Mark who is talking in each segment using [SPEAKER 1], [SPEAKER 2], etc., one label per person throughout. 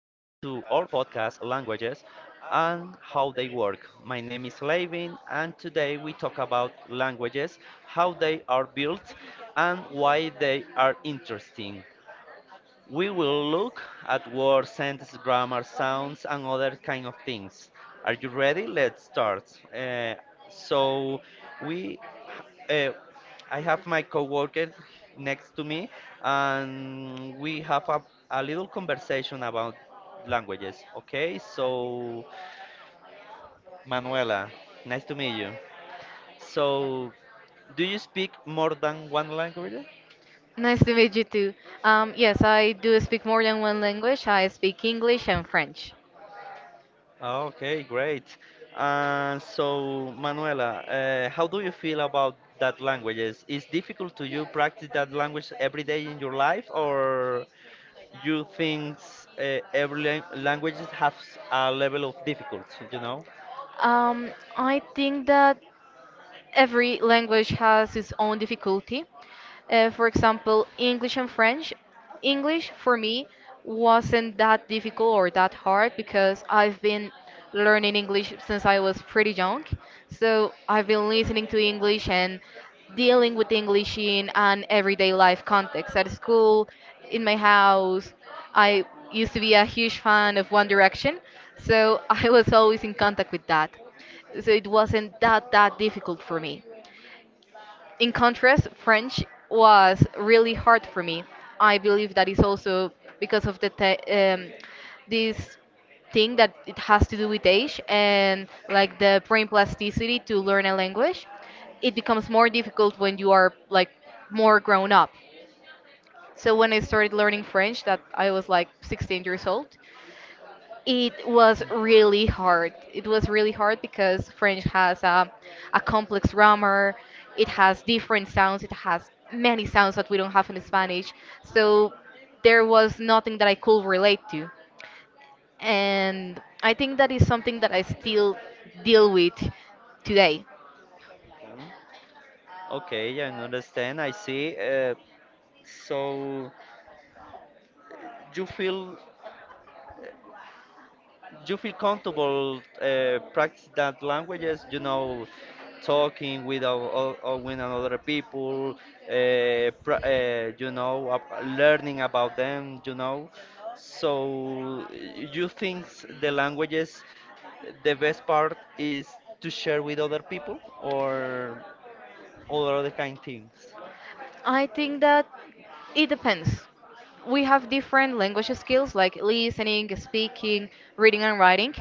[SPEAKER 1] our podcast Languages and How They Work. My name is Levin and today we talk about languages, how they are built and why they are interesting. We will look at words, sentence grammar, sounds, and other kind of things. Are you ready? Let's start. Uh, so we, uh, I have my coworker next to me, and we have a little conversation about languages. Okay, so Manuela, nice to meet you. So, do you speak more than one language?
[SPEAKER 2] Nice to meet you too. Yes, I do speak more than one language. I speak English and French.
[SPEAKER 1] Okay, great. And so, Manuela, how do you feel about that language? Is difficult to you practice that language every day in your life, or you think every language has a level of difficulty, you know?
[SPEAKER 2] Um, I think that every language has its own difficulty. For example, English and French. English for me wasn't that difficult or that hard because I've been learning English since I was pretty young. So I've been listening to English and dealing with English in an everyday life context at school, in my house. I used to be a huge fan of One Direction, so I was always in contact with that. So it wasn't that difficult for me. In contrast, French was really hard for me. I believe that is also because of this thing that it has to do with age and like the brain plasticity to learn a language. It becomes more difficult when you are like more grown up. So when I started learning French, that I was like 16 years old, it was really hard. It was really hard because French has a complex grammar. It has different sounds. It has many sounds that we don't have in Spanish. So there was nothing that I could relate to. And I think that is something that I still deal with today.
[SPEAKER 1] Okay, I understand. I see. So you feel you feel comfortable practice that languages, you know, talking with with another people, you know, learning about them, you know. So you think the languages, the best part is to share with other people or all other kind things?
[SPEAKER 2] I think that it depends. We have different language skills like listening, speaking, reading, and writing.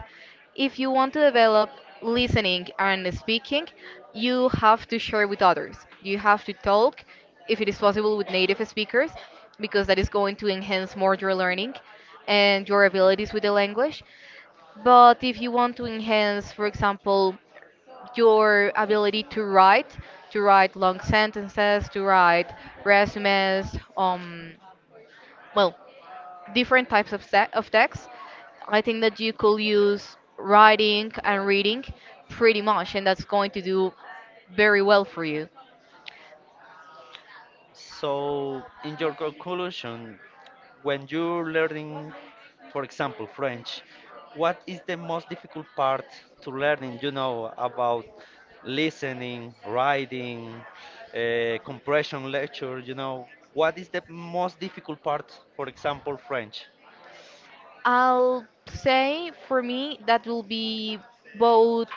[SPEAKER 2] If you want to develop listening and speaking, you have to share with others. You have to talk, if it is possible, with native speakers, because that is going to enhance more your learning and your abilities with the language. But if you want to enhance, for example, your ability to write long sentences, to write resumes, well, different types of text. I think that you could use writing and reading pretty much, and that's going to do very well for you.
[SPEAKER 1] So, in your conclusion, when you're learning, for example, French, what is the most difficult part to learning, you know, about listening, writing, compression lecture, you know, what is the most difficult part, for example, French?
[SPEAKER 2] I'll say for me that will be both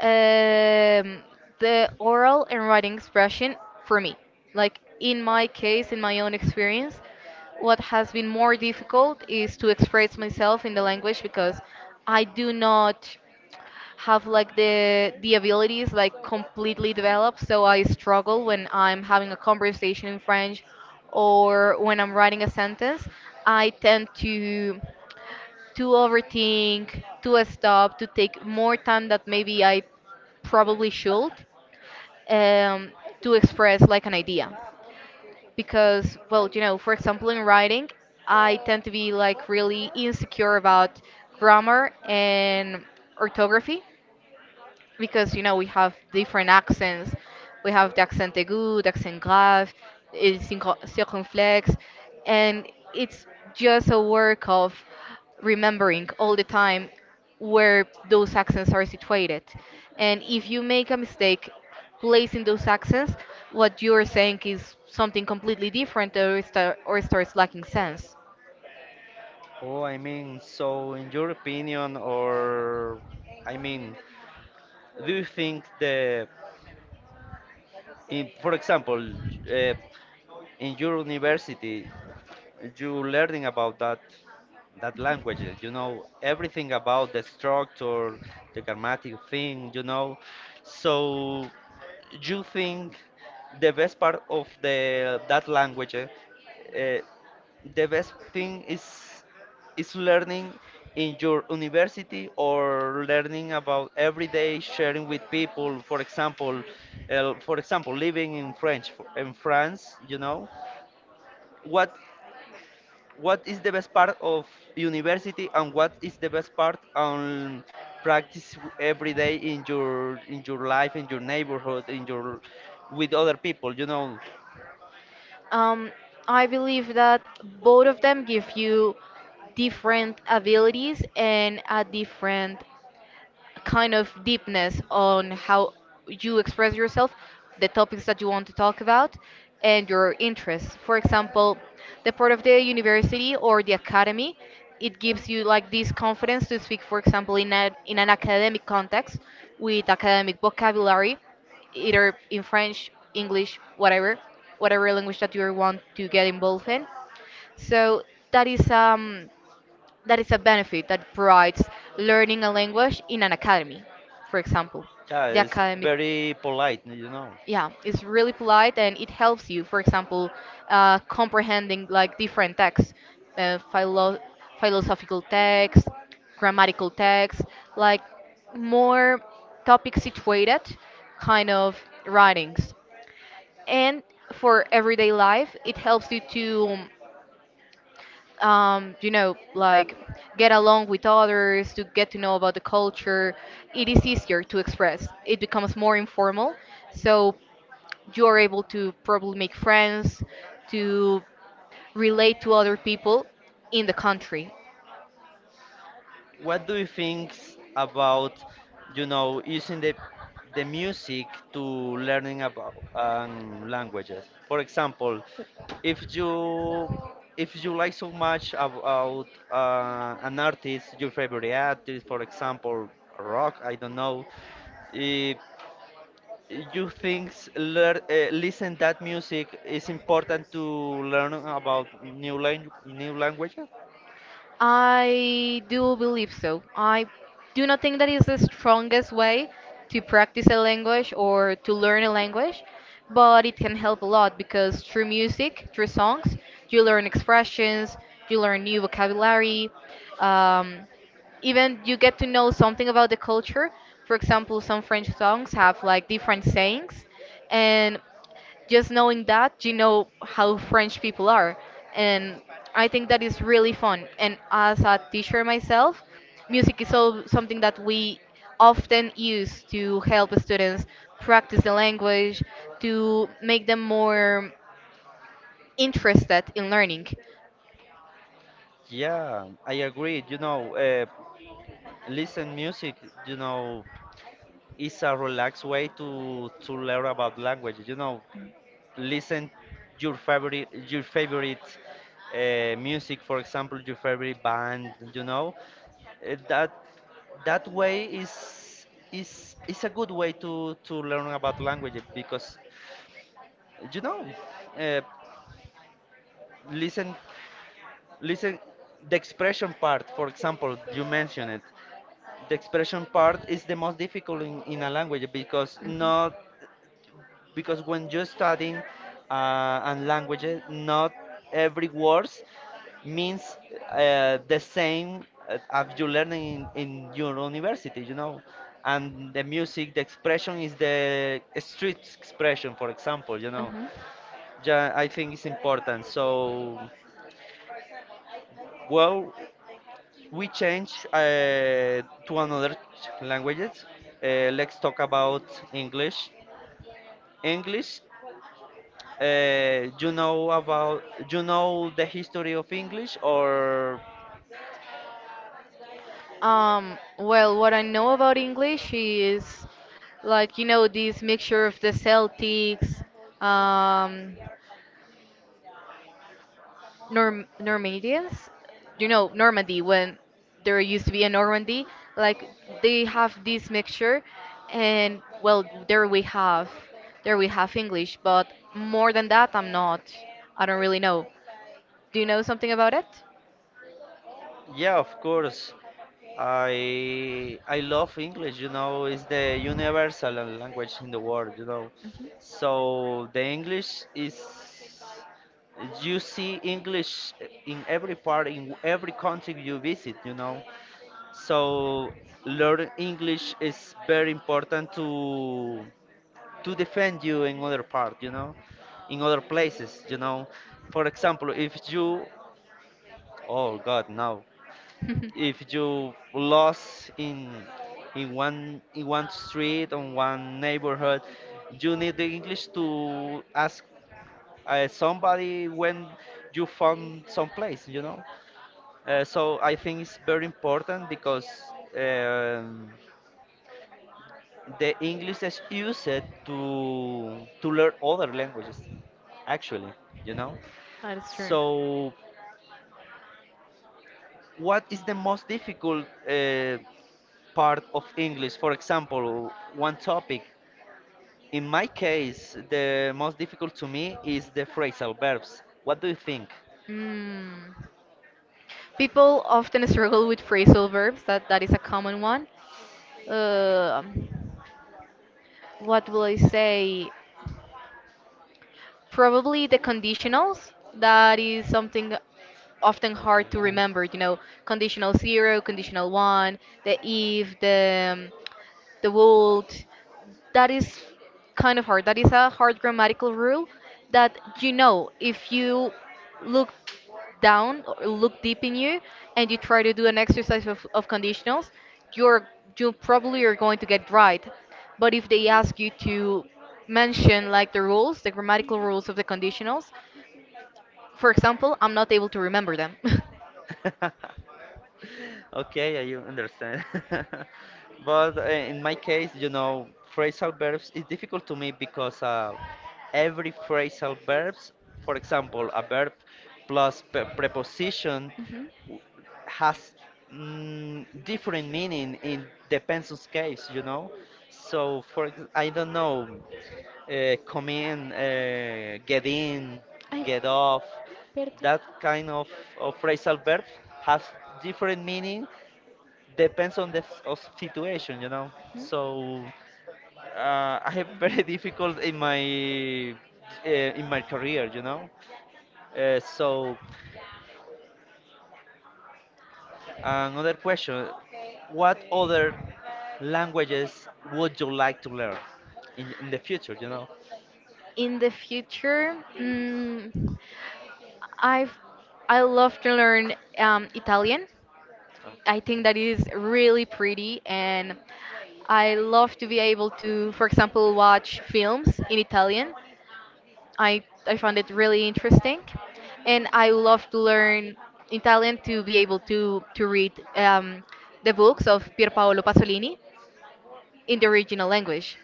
[SPEAKER 2] um, the oral and writing expression for me. Like in my case, in my own experience, what has been more difficult is to express myself in the language because I do not have like the abilities like completely developed. So I struggle when I'm having a conversation in French or when I'm writing a sentence. I tend to overthink, to stop, to take more time that maybe I probably should, um, to express like an idea. Because, well, for example, in writing, I tend to be like really insecure about grammar and orthography because we have different accents. We have the accent aigu, the accent grave, the circumflex, and it's just a work of remembering all the time where those accents are situated. And if you make a mistake placing those accents, what you're saying is something completely different or it starts lacking sense.
[SPEAKER 1] So in your opinion, or I mean, do you think in, for example, uh, in your university, you learning about that language, you know, everything about the structure, the grammatic thing, you know. So you think the best part of the that language, eh, the best thing is learning in your university, or learning about every day sharing with people? For example, for example, living in french in france, you know. what what is the best part of university, and what is the best part on practice every day in your life, in your neighborhood, in your with other people, you know?
[SPEAKER 2] Um, I believe that both of them give you different abilities and a different kind of deepness on how you express yourself, the topics that you want to talk about, and your interests. For example, the part of the university or the academy, it gives you like this confidence to speak, for example, in an academic context with academic vocabulary, either in French, English, whatever language that you want to get involved in. So that is um that is a benefit that provides learning a language in an academy, for example.
[SPEAKER 1] Yeah,
[SPEAKER 2] The
[SPEAKER 1] it's
[SPEAKER 2] academic,
[SPEAKER 1] very polite, you know.
[SPEAKER 2] yeah, it's really polite, and it helps you, for example, comprehending like different texts, uh, philo- philosophical texts, grammatical texts, like more topic situated kind of writings. And for everyday life, it helps you to, like, get along with others, to get to know about the culture. It is easier to express. It becomes more informal, so you are able to probably make friends, to relate to other people in the country.
[SPEAKER 1] What do you think about, you know, using the music to learning about languages? For example, if you if you like so much about an artist, your favorite artist, for example, rock, I don't know, eh, you think s- listen that music is important to learn about new languages?
[SPEAKER 2] I do believe so. I do not think that is the strongest way to practice a language or to learn a language, but it can help a lot because through music, through songs, you learn expressions, you learn new vocabulary, um, even you get to know something about the culture. For example, some French songs have like different sayings, and just knowing that, you know how French people are. And I think that is really fun. And as a teacher myself, music is so something that we often use to help students practice the language, to make them more interested in learning.
[SPEAKER 1] Yeah, I agree. You know, listen music, you know, is a relaxed way to learn about language, you know. Listen your favorite music, for example, your favorite band, you know. Uh, that that way is is a good way to learn about language because, you know, uh, listen listen the expression part, for example, you mentioned it. The expression part is the most difficult in a language because
[SPEAKER 2] Mhm.
[SPEAKER 1] not because when you're studying and languages, not every words means the same as you learn in your university, you know. And the music, the expression is the street expression, for example, you
[SPEAKER 2] Know.
[SPEAKER 1] know.
[SPEAKER 2] Mhm.
[SPEAKER 1] Yeah, I think it's important. So, well, we change to another languages. Let's talk about English. English, you know about, you know, the history of English, or?
[SPEAKER 2] Well, what I know about English is like, this mixture of the Celtics, um, Normandians, Normandy, when there used to be a Normandy, like they have this mixture, and, well, there we have English. But more than that, I'm not. I don't really know. Do you know something about it?
[SPEAKER 1] Yeah, of course. I love English, you know, it's the universal language in the world, you know. So the English is, you see English in every part, in every country you visit, you know. So learn English is very important to defend you in other part, you know, in other places, you know. For example, if you, oh God, no,
[SPEAKER 2] Mhm.
[SPEAKER 1] if you lost in in one street, on one neighborhood, you need the english to ask somebody when you found some place, you know. So I think it's very important because the english is used to learn other languages, actually, you know.
[SPEAKER 2] That is true.
[SPEAKER 1] So what is the most difficult part of English? For example, one topic. In my case, the most difficult to me is the phrasal verbs. What do you think?
[SPEAKER 2] Mm. People often struggle with phrasal verbs. That is a common one. Um what will I say? Probably the conditionals. That is something often
[SPEAKER 1] Okay.
[SPEAKER 2] hard to remember. You know, conditional zero, conditional one, the if, the would. That is kind of hard. That is a hard grammatical rule that, you know, if you look down or look deep in you and you try to do an exercise of conditionals, you're you probably are going to get right. But if they ask you to mention like the rules, the grammatical rules of the conditionals, for example, I'm not able to remember them.
[SPEAKER 1] Okay, I understand. But in my case, you know, phrasal verbs is difficult to me because, every phrasal verbs, for example, a verb plus preposition
[SPEAKER 2] Mhm.
[SPEAKER 1] w- has different meaning in depends on case, you know. So I don't know, come in, get in, get off. That kind of phrasal verb has different meaning, depends on the s- of situation, you know. So I have very difficult in my career, you know. So another question: What other languages would you like to learn in the future? You know.
[SPEAKER 2] In the future, I've I love to learn Italian.
[SPEAKER 1] Um,
[SPEAKER 2] I think that is really pretty, and I love to be able to, for example, watch films in Italian. I found it really interesting, and I love to learn Italian to be able to read, the books of Pierpaolo Pasolini in the original language.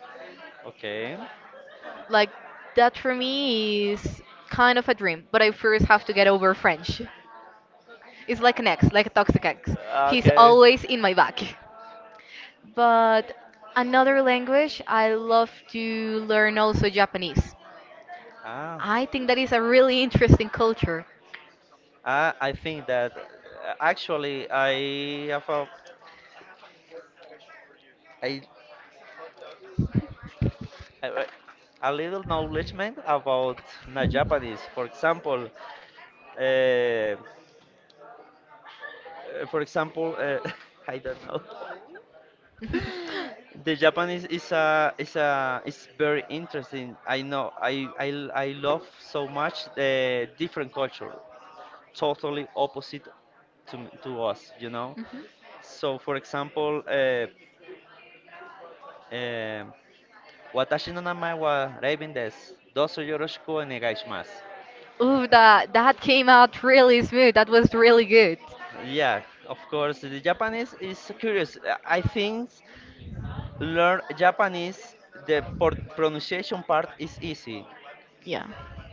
[SPEAKER 1] Okay.
[SPEAKER 2] Like that for me is kind of a dream, but I first have to get over French. It's like an ex, like a toxic ex. He's
[SPEAKER 1] Okay.
[SPEAKER 2] always in my back. But another language, I love to learn also Japanese.
[SPEAKER 1] Ah,
[SPEAKER 2] I think that is a really interesting culture.
[SPEAKER 1] I think that actually I have a, I, I- a little knowledgement about na Japanese. Uh, uh, for example, I don't know. The Japanese is a is a is very interesting. I know I love so much the different culture, totally opposite to to us, you know.
[SPEAKER 2] Mhm.
[SPEAKER 1] So, for example, um, Watashi no namae wa Raven desu. Doso yoroshiku onegai shimasu.
[SPEAKER 2] Ooh, that came out really smooth. That was really good.
[SPEAKER 1] Yeah, of course, the Japanese is curious. I think learn Japanese, the pronunciation part is easy.
[SPEAKER 2] Yeah.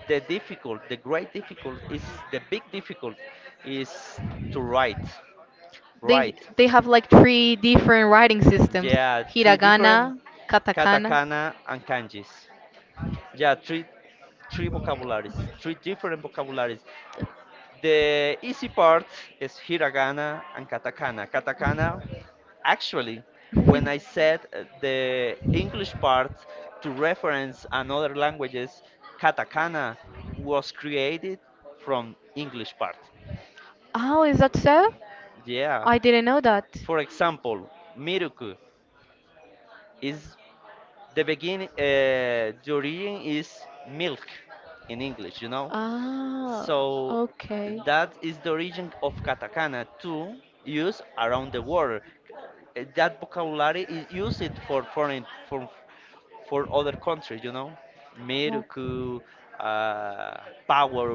[SPEAKER 1] The difficult, the great difficult is the big difficult is to write.
[SPEAKER 2] They
[SPEAKER 1] Write.
[SPEAKER 2] they have like three different writing systems.
[SPEAKER 1] Yeah, three different
[SPEAKER 2] Hiragana, katakana.
[SPEAKER 1] katakana and kanjis. Yeah, three vocabularies, three different vocabularies. The easy part is hiragana and katakana. Katakana, actually, when I said the English part to reference another languages, katakana was created from English part.
[SPEAKER 2] Oh, is that so?
[SPEAKER 1] Yeah.
[SPEAKER 2] I didn't know that.
[SPEAKER 1] For example, miruku is the beginning. The origin is milk in English. You know,
[SPEAKER 2] Ah,
[SPEAKER 1] so
[SPEAKER 2] okay.
[SPEAKER 1] that is the origin of katakana to use around the world. That vocabulary is used it for foreign for other countries, you know.
[SPEAKER 2] Okay.
[SPEAKER 1] Miruku, uh, Power,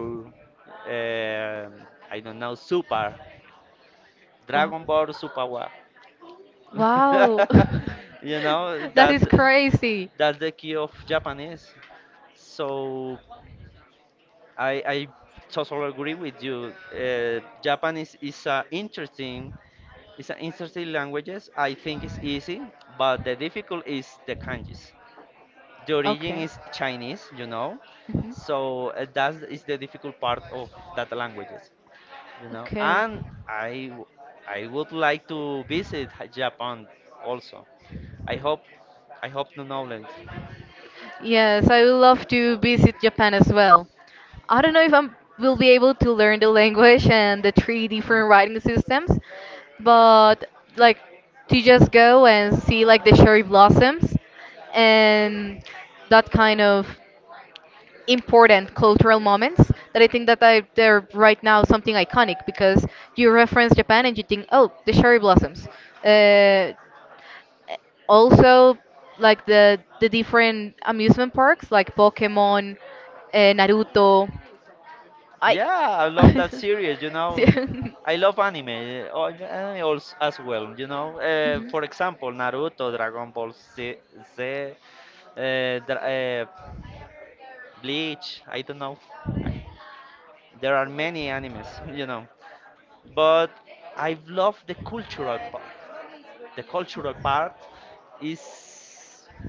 [SPEAKER 1] um I don't know, Super, Dragon
[SPEAKER 2] Wow.
[SPEAKER 1] Ball Super Wa.
[SPEAKER 2] Wow.
[SPEAKER 1] You know,
[SPEAKER 2] That is crazy.
[SPEAKER 1] that's the key of Japanese. So I totally agree with you. Japanese is a interesting, it's an interesting languages. I think it's easy, but the difficult is the kanjis. The origin
[SPEAKER 2] Okay.
[SPEAKER 1] is Chinese, you know,
[SPEAKER 2] Mhm.
[SPEAKER 1] so that is the difficult part of that languages, you know.
[SPEAKER 2] Okay.
[SPEAKER 1] And I, w- I would like to visit Japan also. I hope, I hope to Netherlands.
[SPEAKER 2] Yes, I would love to visit Japan as well. I don't know if I will be able to learn the language and the three different writing systems, but like, to just go and see like the cherry blossoms and that kind of important cultural moments that I think they're right now something iconic, because you reference Japan and you think, oh, the cherry blossoms. Uh, also, like the different amusement parks like Pokemon, Naruto. I
[SPEAKER 1] Yeah, I love that series, you
[SPEAKER 2] See-
[SPEAKER 1] know. I love anime, anime as well, you know.
[SPEAKER 2] Mhm.
[SPEAKER 1] For example, Naruto, Dragon Ball Z, Z Dra Bleach, I don't know. There are many animes, you know. But I love the cultural part. The cultural part is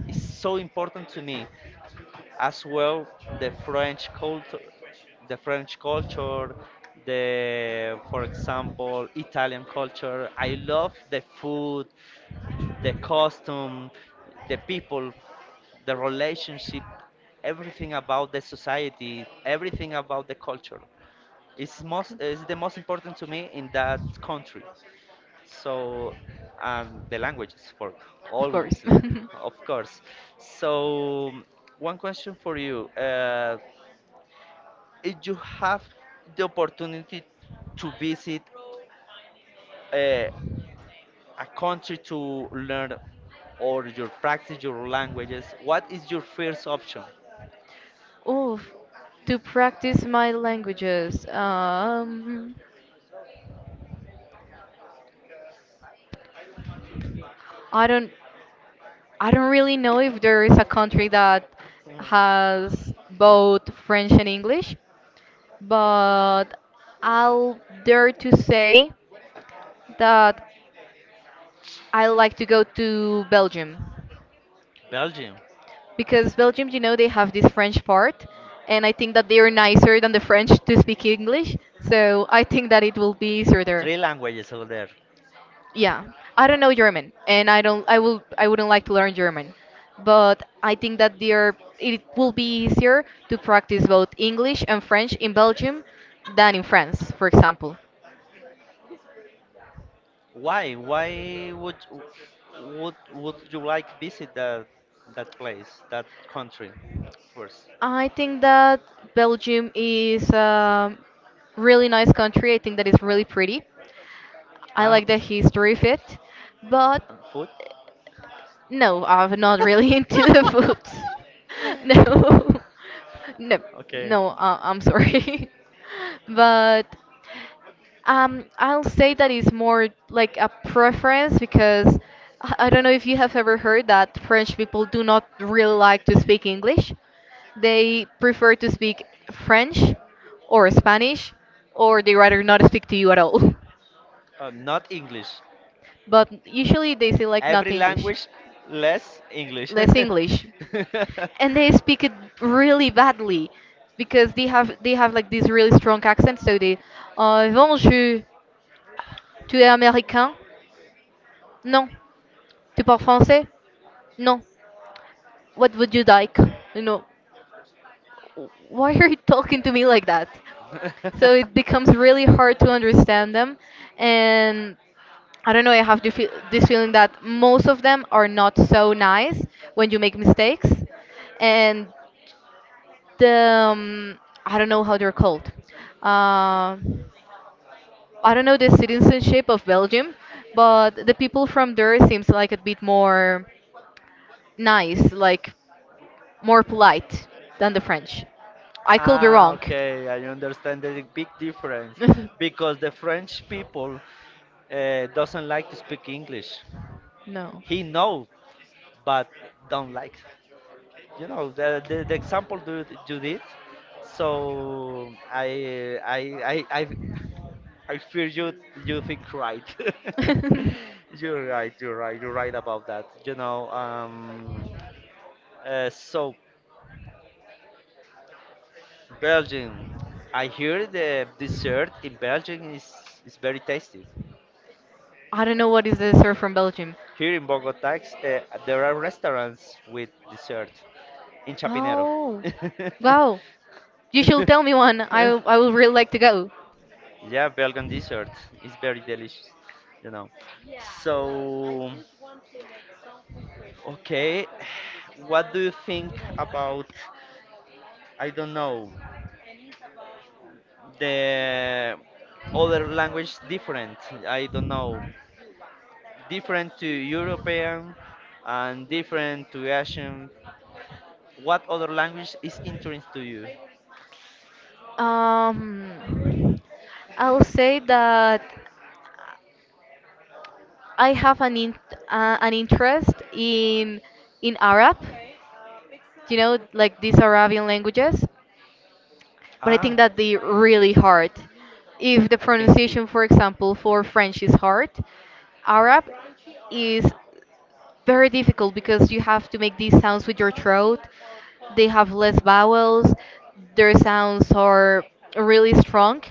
[SPEAKER 1] is so important to me, as well the French culture, the French culture, the for example Italian culture. I love the food, the costume, the people, the relationship, everything about the society, everything about the culture. It's most is the most important to me in that country. So, and the languages for,
[SPEAKER 2] Of course.
[SPEAKER 1] obviously, of course. So, one question for you. If you have the opportunity to visit a, a country to learn or your practice your languages, what is your first option?
[SPEAKER 2] Oh, to practice my languages. I don't, I don't really know if there is a country that has both French and English, but I'll dare to say that I like to go to Belgium,
[SPEAKER 1] Belgium.
[SPEAKER 2] because Belgium, they have this French part, and I think that they are nicer than the French to speak English, so I think that it will be easier there.
[SPEAKER 1] Three languages over there.
[SPEAKER 2] Yeah, I don't know German, and I don't. I will. I wouldn't like to learn German, but I think that there it will be easier to practice both English and French in Belgium than in France, for example.
[SPEAKER 1] Why? Why would would you like visit that place, that country first?
[SPEAKER 2] I think that Belgium is a really nice country. I think that it's really pretty. I like
[SPEAKER 1] Um,
[SPEAKER 2] the history of it, but
[SPEAKER 1] on food?
[SPEAKER 2] no, I'm not really into the foods. No, no,
[SPEAKER 1] Okay.
[SPEAKER 2] no. I'm sorry, but I'll say that it's more like a preference, because I don't know if you have ever heard that French people do not really like to speak English. They prefer to speak French or Spanish, or they rather not speak to you at all.
[SPEAKER 1] Not English.
[SPEAKER 2] But usually they say, like, not
[SPEAKER 1] Every
[SPEAKER 2] English,
[SPEAKER 1] language less English.
[SPEAKER 2] less English. And they speak it really badly because they have like this really strong accent. So they, bon, je, tu es américain? Non. Tu parles français? No. What would you like? You know, why are you talking to me like that? So it becomes really hard to understand them, and I don't know. I have this feeling that most of them are not so nice when you make mistakes, and the I don't know how they're called. Uh, I don't know the citizenship of Belgium, but the people from there seems like a bit more nice, like more polite than the French. I could be
[SPEAKER 1] Ah,
[SPEAKER 2] wrong.
[SPEAKER 1] okay, I understand the big difference because the French people doesn't like to speak English.
[SPEAKER 2] No.
[SPEAKER 1] He know, but don't like. You know the example you, you did. So I fear you, you think right. You're right, you're right, you're right about that. You know. So Belgium. I hear the dessert in Belgium is very tasty.
[SPEAKER 2] I don't know what is the dessert from Belgium.
[SPEAKER 1] Here in Bogota, uh, there are restaurants with dessert in Chapinero.
[SPEAKER 2] Oh, wow. You should tell me one. I would really like to go.
[SPEAKER 1] Yeah, Belgian dessert is very delicious, you know. So, okay, what do you think about, I don't know, the other language different, I don't know, different to European and different to Asian? What other language is interesting to you?
[SPEAKER 2] Um, I'll say that I have an interest in Arab. You know, like these Arabian languages. But I think
[SPEAKER 1] Ah,
[SPEAKER 2] that they really hard. If the
[SPEAKER 1] I think it.
[SPEAKER 2] pronunciation, for example, for French is hard, Arab is very difficult because you have to make these sounds with your throat. They have less vowels. Their sounds are really strong.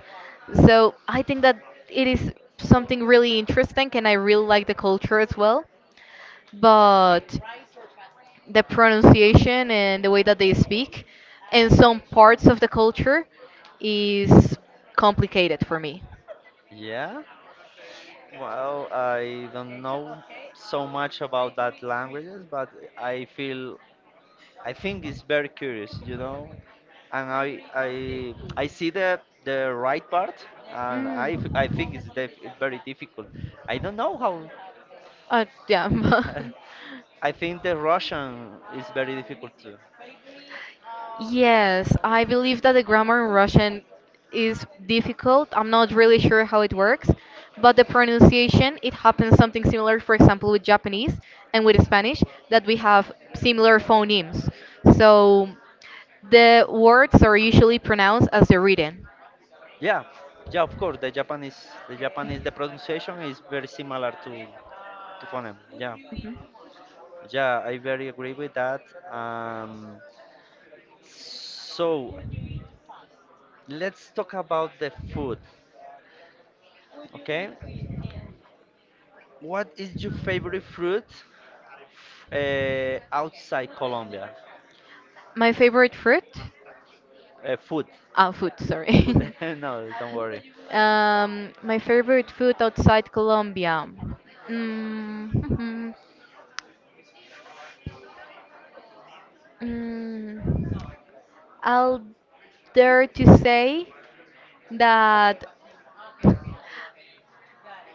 [SPEAKER 2] So I think that it is something really interesting, and I really like the culture as well. But the pronunciation and the way that they speak and some parts of the culture is complicated for me.
[SPEAKER 1] Yeah? Well, I don't know so much about that languages, but I feel I think it's very curious, you know. And I see the right part, and
[SPEAKER 2] Mm.
[SPEAKER 1] I think it's def it's very difficult. I don't know how.
[SPEAKER 2] Yeah.
[SPEAKER 1] I think the Russian is very difficult too.
[SPEAKER 2] Yes, I believe that the grammar in Russian is difficult. I'm not really sure how it works, but the pronunciation, it happens something similar, for example, with Japanese and with Spanish, that we have similar phonemes. So the words are usually pronounced as they're written.
[SPEAKER 1] Yeah, yeah, of course. The Japanese the pronunciation is very similar to phoneme. Yeah,
[SPEAKER 2] Mhm.
[SPEAKER 1] yeah, I very agree with that. Um, So let's talk about the food. Okay, what is your favorite fruit outside Colombia?
[SPEAKER 2] My favorite fruit?
[SPEAKER 1] Food,
[SPEAKER 2] Ah, food,
[SPEAKER 1] food.
[SPEAKER 2] sorry.
[SPEAKER 1] No, don't worry.
[SPEAKER 2] My favorite food outside Colombia. Mm, mhm, mm, I'll dare to say that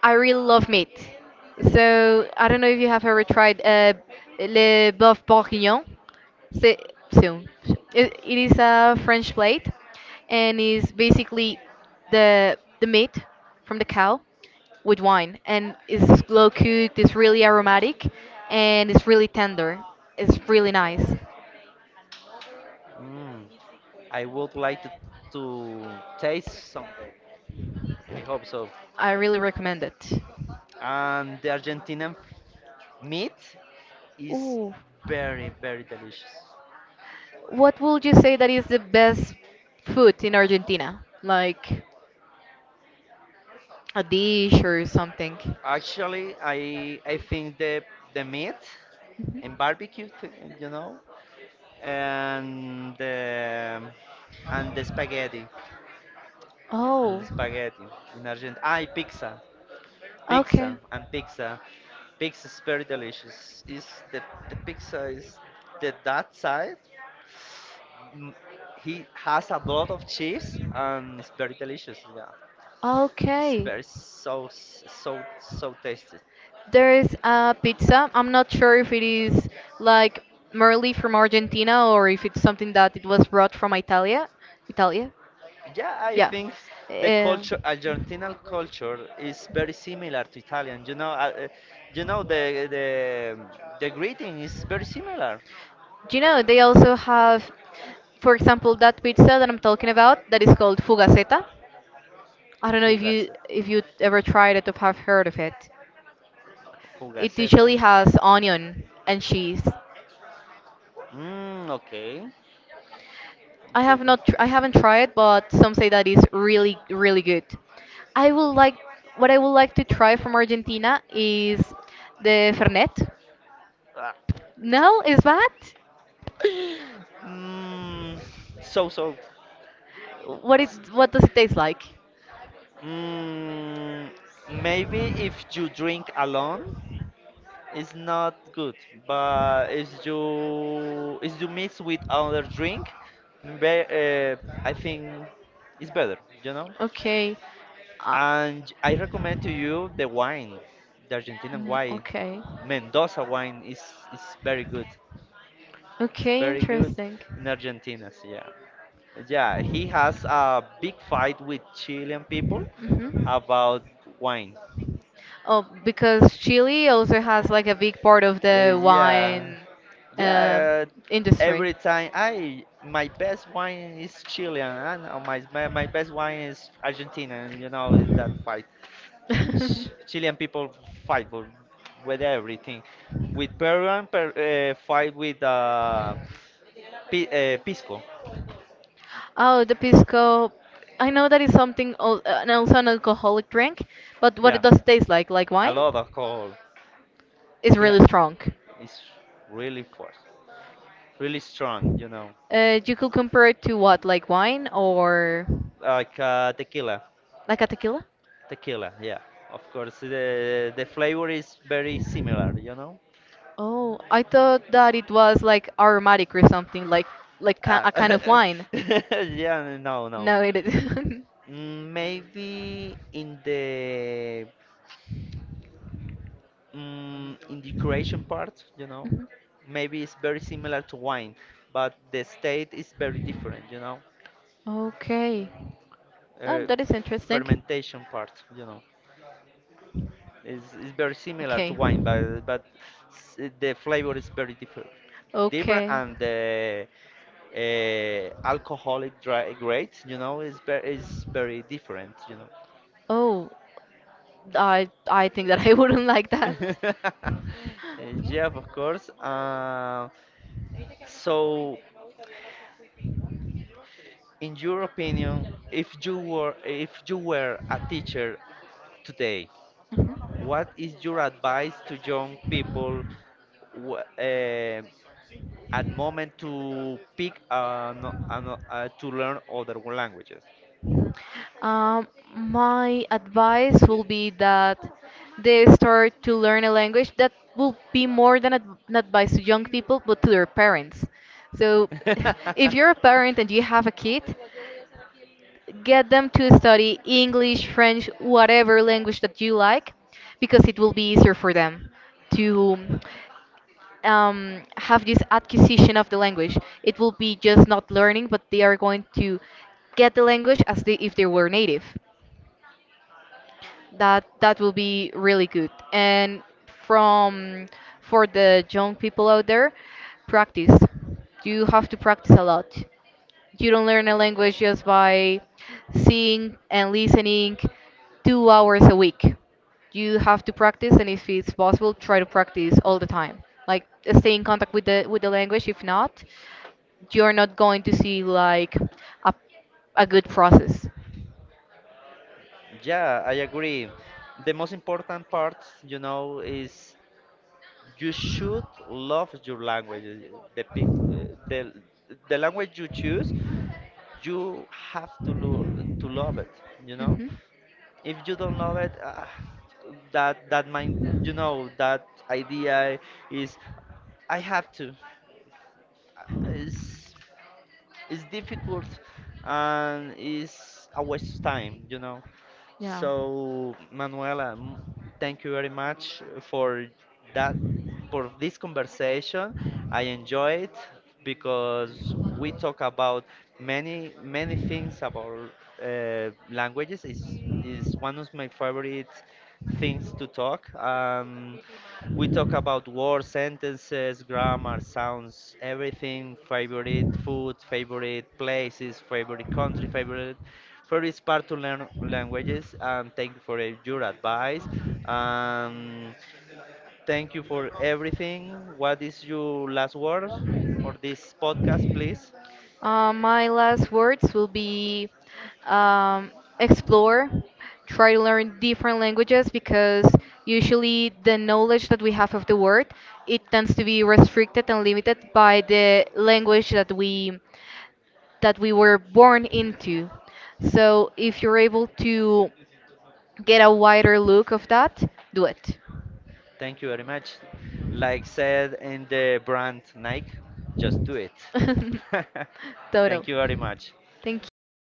[SPEAKER 2] I really love meat. So I don't know if you have ever tried le bœuf bourguignon. So, so, it is a French plate, and is basically the meat from the cow with wine, and it's slow cooked. It's really aromatic, and it's really tender. It's really nice.
[SPEAKER 1] Mm, I would like to taste some. I hope so.
[SPEAKER 2] I really recommend it.
[SPEAKER 1] And the Argentinian meat is
[SPEAKER 2] Ooh,
[SPEAKER 1] very, very delicious.
[SPEAKER 2] what would you say that is the best food in Argentina? Like a dish or something. Mhm.
[SPEAKER 1] Actually, I think the meat and barbecue, you know, and the spaghetti and
[SPEAKER 2] Oh.
[SPEAKER 1] the spaghetti in Argentina. I pizza, pizza
[SPEAKER 2] Okay.
[SPEAKER 1] and pizza. Pizza is very delicious. Is the the pizza is that side. mm, He has a lot of cheese and it's very delicious. Yeah, it's
[SPEAKER 2] Okay.
[SPEAKER 1] very so so tasty.
[SPEAKER 2] There is a pizza. I'm not sure if it is like merely from Argentina or if it's something that it was brought from Italia. Italia?
[SPEAKER 1] Yeah, I
[SPEAKER 2] Yeah.
[SPEAKER 1] think the
[SPEAKER 2] Uh,
[SPEAKER 1] culture, Argentinian culture, is very similar to Italian. You know the greeting is very similar.
[SPEAKER 2] do you know they also have, for example, that pizza that I'm talking about that is called fugaceta? I don't know if you
[SPEAKER 1] Fugaceta.
[SPEAKER 2] if you ever tried it or have heard of it. It
[SPEAKER 1] Fugaceta.
[SPEAKER 2] usually has onion and cheese.
[SPEAKER 1] Mm, okay.
[SPEAKER 2] I haven't tried, but some say that is really really good. I would like What I would like to try from Argentina is the Fernet.
[SPEAKER 1] Ah.
[SPEAKER 2] No, is that?
[SPEAKER 1] Mm, so so.
[SPEAKER 2] What does it taste like?
[SPEAKER 1] Mm, maybe if you drink alone, it's not good, but if you mix with other drink, be, uh, I think it's better, you know.
[SPEAKER 2] Okay. Uh,
[SPEAKER 1] And I recommend to you the wine, the Argentinian
[SPEAKER 2] mm,
[SPEAKER 1] wine,
[SPEAKER 2] okay.
[SPEAKER 1] Mendoza wine is very good. It's
[SPEAKER 2] Okay,
[SPEAKER 1] very good
[SPEAKER 2] interesting.
[SPEAKER 1] in Argentina. So yeah, yeah. He has a big fight with Chilean people
[SPEAKER 2] Hmm.
[SPEAKER 1] about wine.
[SPEAKER 2] Oh, because Chile also has like a big part of
[SPEAKER 1] Uh,
[SPEAKER 2] the
[SPEAKER 1] yeah,
[SPEAKER 2] wine um
[SPEAKER 1] Yeah, uh, every
[SPEAKER 2] industry.
[SPEAKER 1] time I my best wine is Chilean, and my best wine is Argentina. You know that fight. Ch- Chilean people fight with everything. With Peruan fight with pisco.
[SPEAKER 2] Oh, the pisco. I know that is something, and also an alcoholic drink, but what
[SPEAKER 1] Yeah,
[SPEAKER 2] it does taste like
[SPEAKER 1] a
[SPEAKER 2] wine,
[SPEAKER 1] lot of alcohol.
[SPEAKER 2] is
[SPEAKER 1] Yeah,
[SPEAKER 2] really strong.
[SPEAKER 1] it's really force, really strong. You know,
[SPEAKER 2] You could compare it to what, like wine or
[SPEAKER 1] like tequila.
[SPEAKER 2] like a tequila?
[SPEAKER 1] Tequila. Yeah, of course the flavor is very similar. You know.
[SPEAKER 2] Oh, I thought that it was like aromatic or something, like
[SPEAKER 1] Ah,
[SPEAKER 2] a kind of wine.
[SPEAKER 1] yeah, no, no.
[SPEAKER 2] No, it isn't.
[SPEAKER 1] Mm, maybe in the in the creation part, you know,
[SPEAKER 2] Mhm.
[SPEAKER 1] maybe it's very similar to wine, but the state is very different, you know.
[SPEAKER 2] Okay. Oh,
[SPEAKER 1] Uh,
[SPEAKER 2] that is interesting.
[SPEAKER 1] fermentation part, you know, is very similar to
[SPEAKER 2] Okay.
[SPEAKER 1] wine, but the flavor is very different,
[SPEAKER 2] Okay.
[SPEAKER 1] and the alcoholic dry grade, you know, is very different, you know.
[SPEAKER 2] Oh, I think that I wouldn't like that.
[SPEAKER 1] Yeah, of course. So, in your opinion, if you were a teacher today, what is your advice to young people wh- eh, at moment to pick an, no- to learn other languages?
[SPEAKER 2] Mhm. Um, my advice will be that they start to learn a language that will be more than an advice to young people, but to their parents. So, if you're a parent and you have a kid, get them to study English, French, whatever language that you like, because it will be easier for them to have this acquisition of the language. It will be just not learning, but they are going to get the language as they, if they were native. That will be really good. And from for the young people out there, practice. You have to practice a lot. You don't learn a language just by seeing and listening 2 hours a week. You have to practice, and if it's possible, try to practice all the time. Like stay in contact with the language. If not, you're not going to see like a a good process.
[SPEAKER 1] Yeah, I agree. The most important part, you know, is you should love your language. The language you choose, you have to lo to love it, you know?
[SPEAKER 2] Hmm.
[SPEAKER 1] If you don't know it ah, that mind, you know, that idea is I have to Uh, it's, it's difficult and it's a waste of time, you know. So, Manuela, thank you very much for that, for this conversation. I enjoy it because we talk about many, many things about languages. Is one of my favorite things to talk. We talk about word sentences, grammar, sounds, everything, favorite food, favorite places, favorite country, favorite part to learn languages. And thank you for your advice. Um, thank you for everything. What is your last word for this podcast, please?
[SPEAKER 2] My last words will be um, explore, try to learn different languages because usually the knowledge that we have of the world it tends to be restricted and limited by the language that we were born into. So if you're able to get a wider look of that, do it.
[SPEAKER 1] Thank you very much. Like said in the brand Nike, just do it.
[SPEAKER 2] Total.
[SPEAKER 1] Thank you very much.
[SPEAKER 2] Thank you.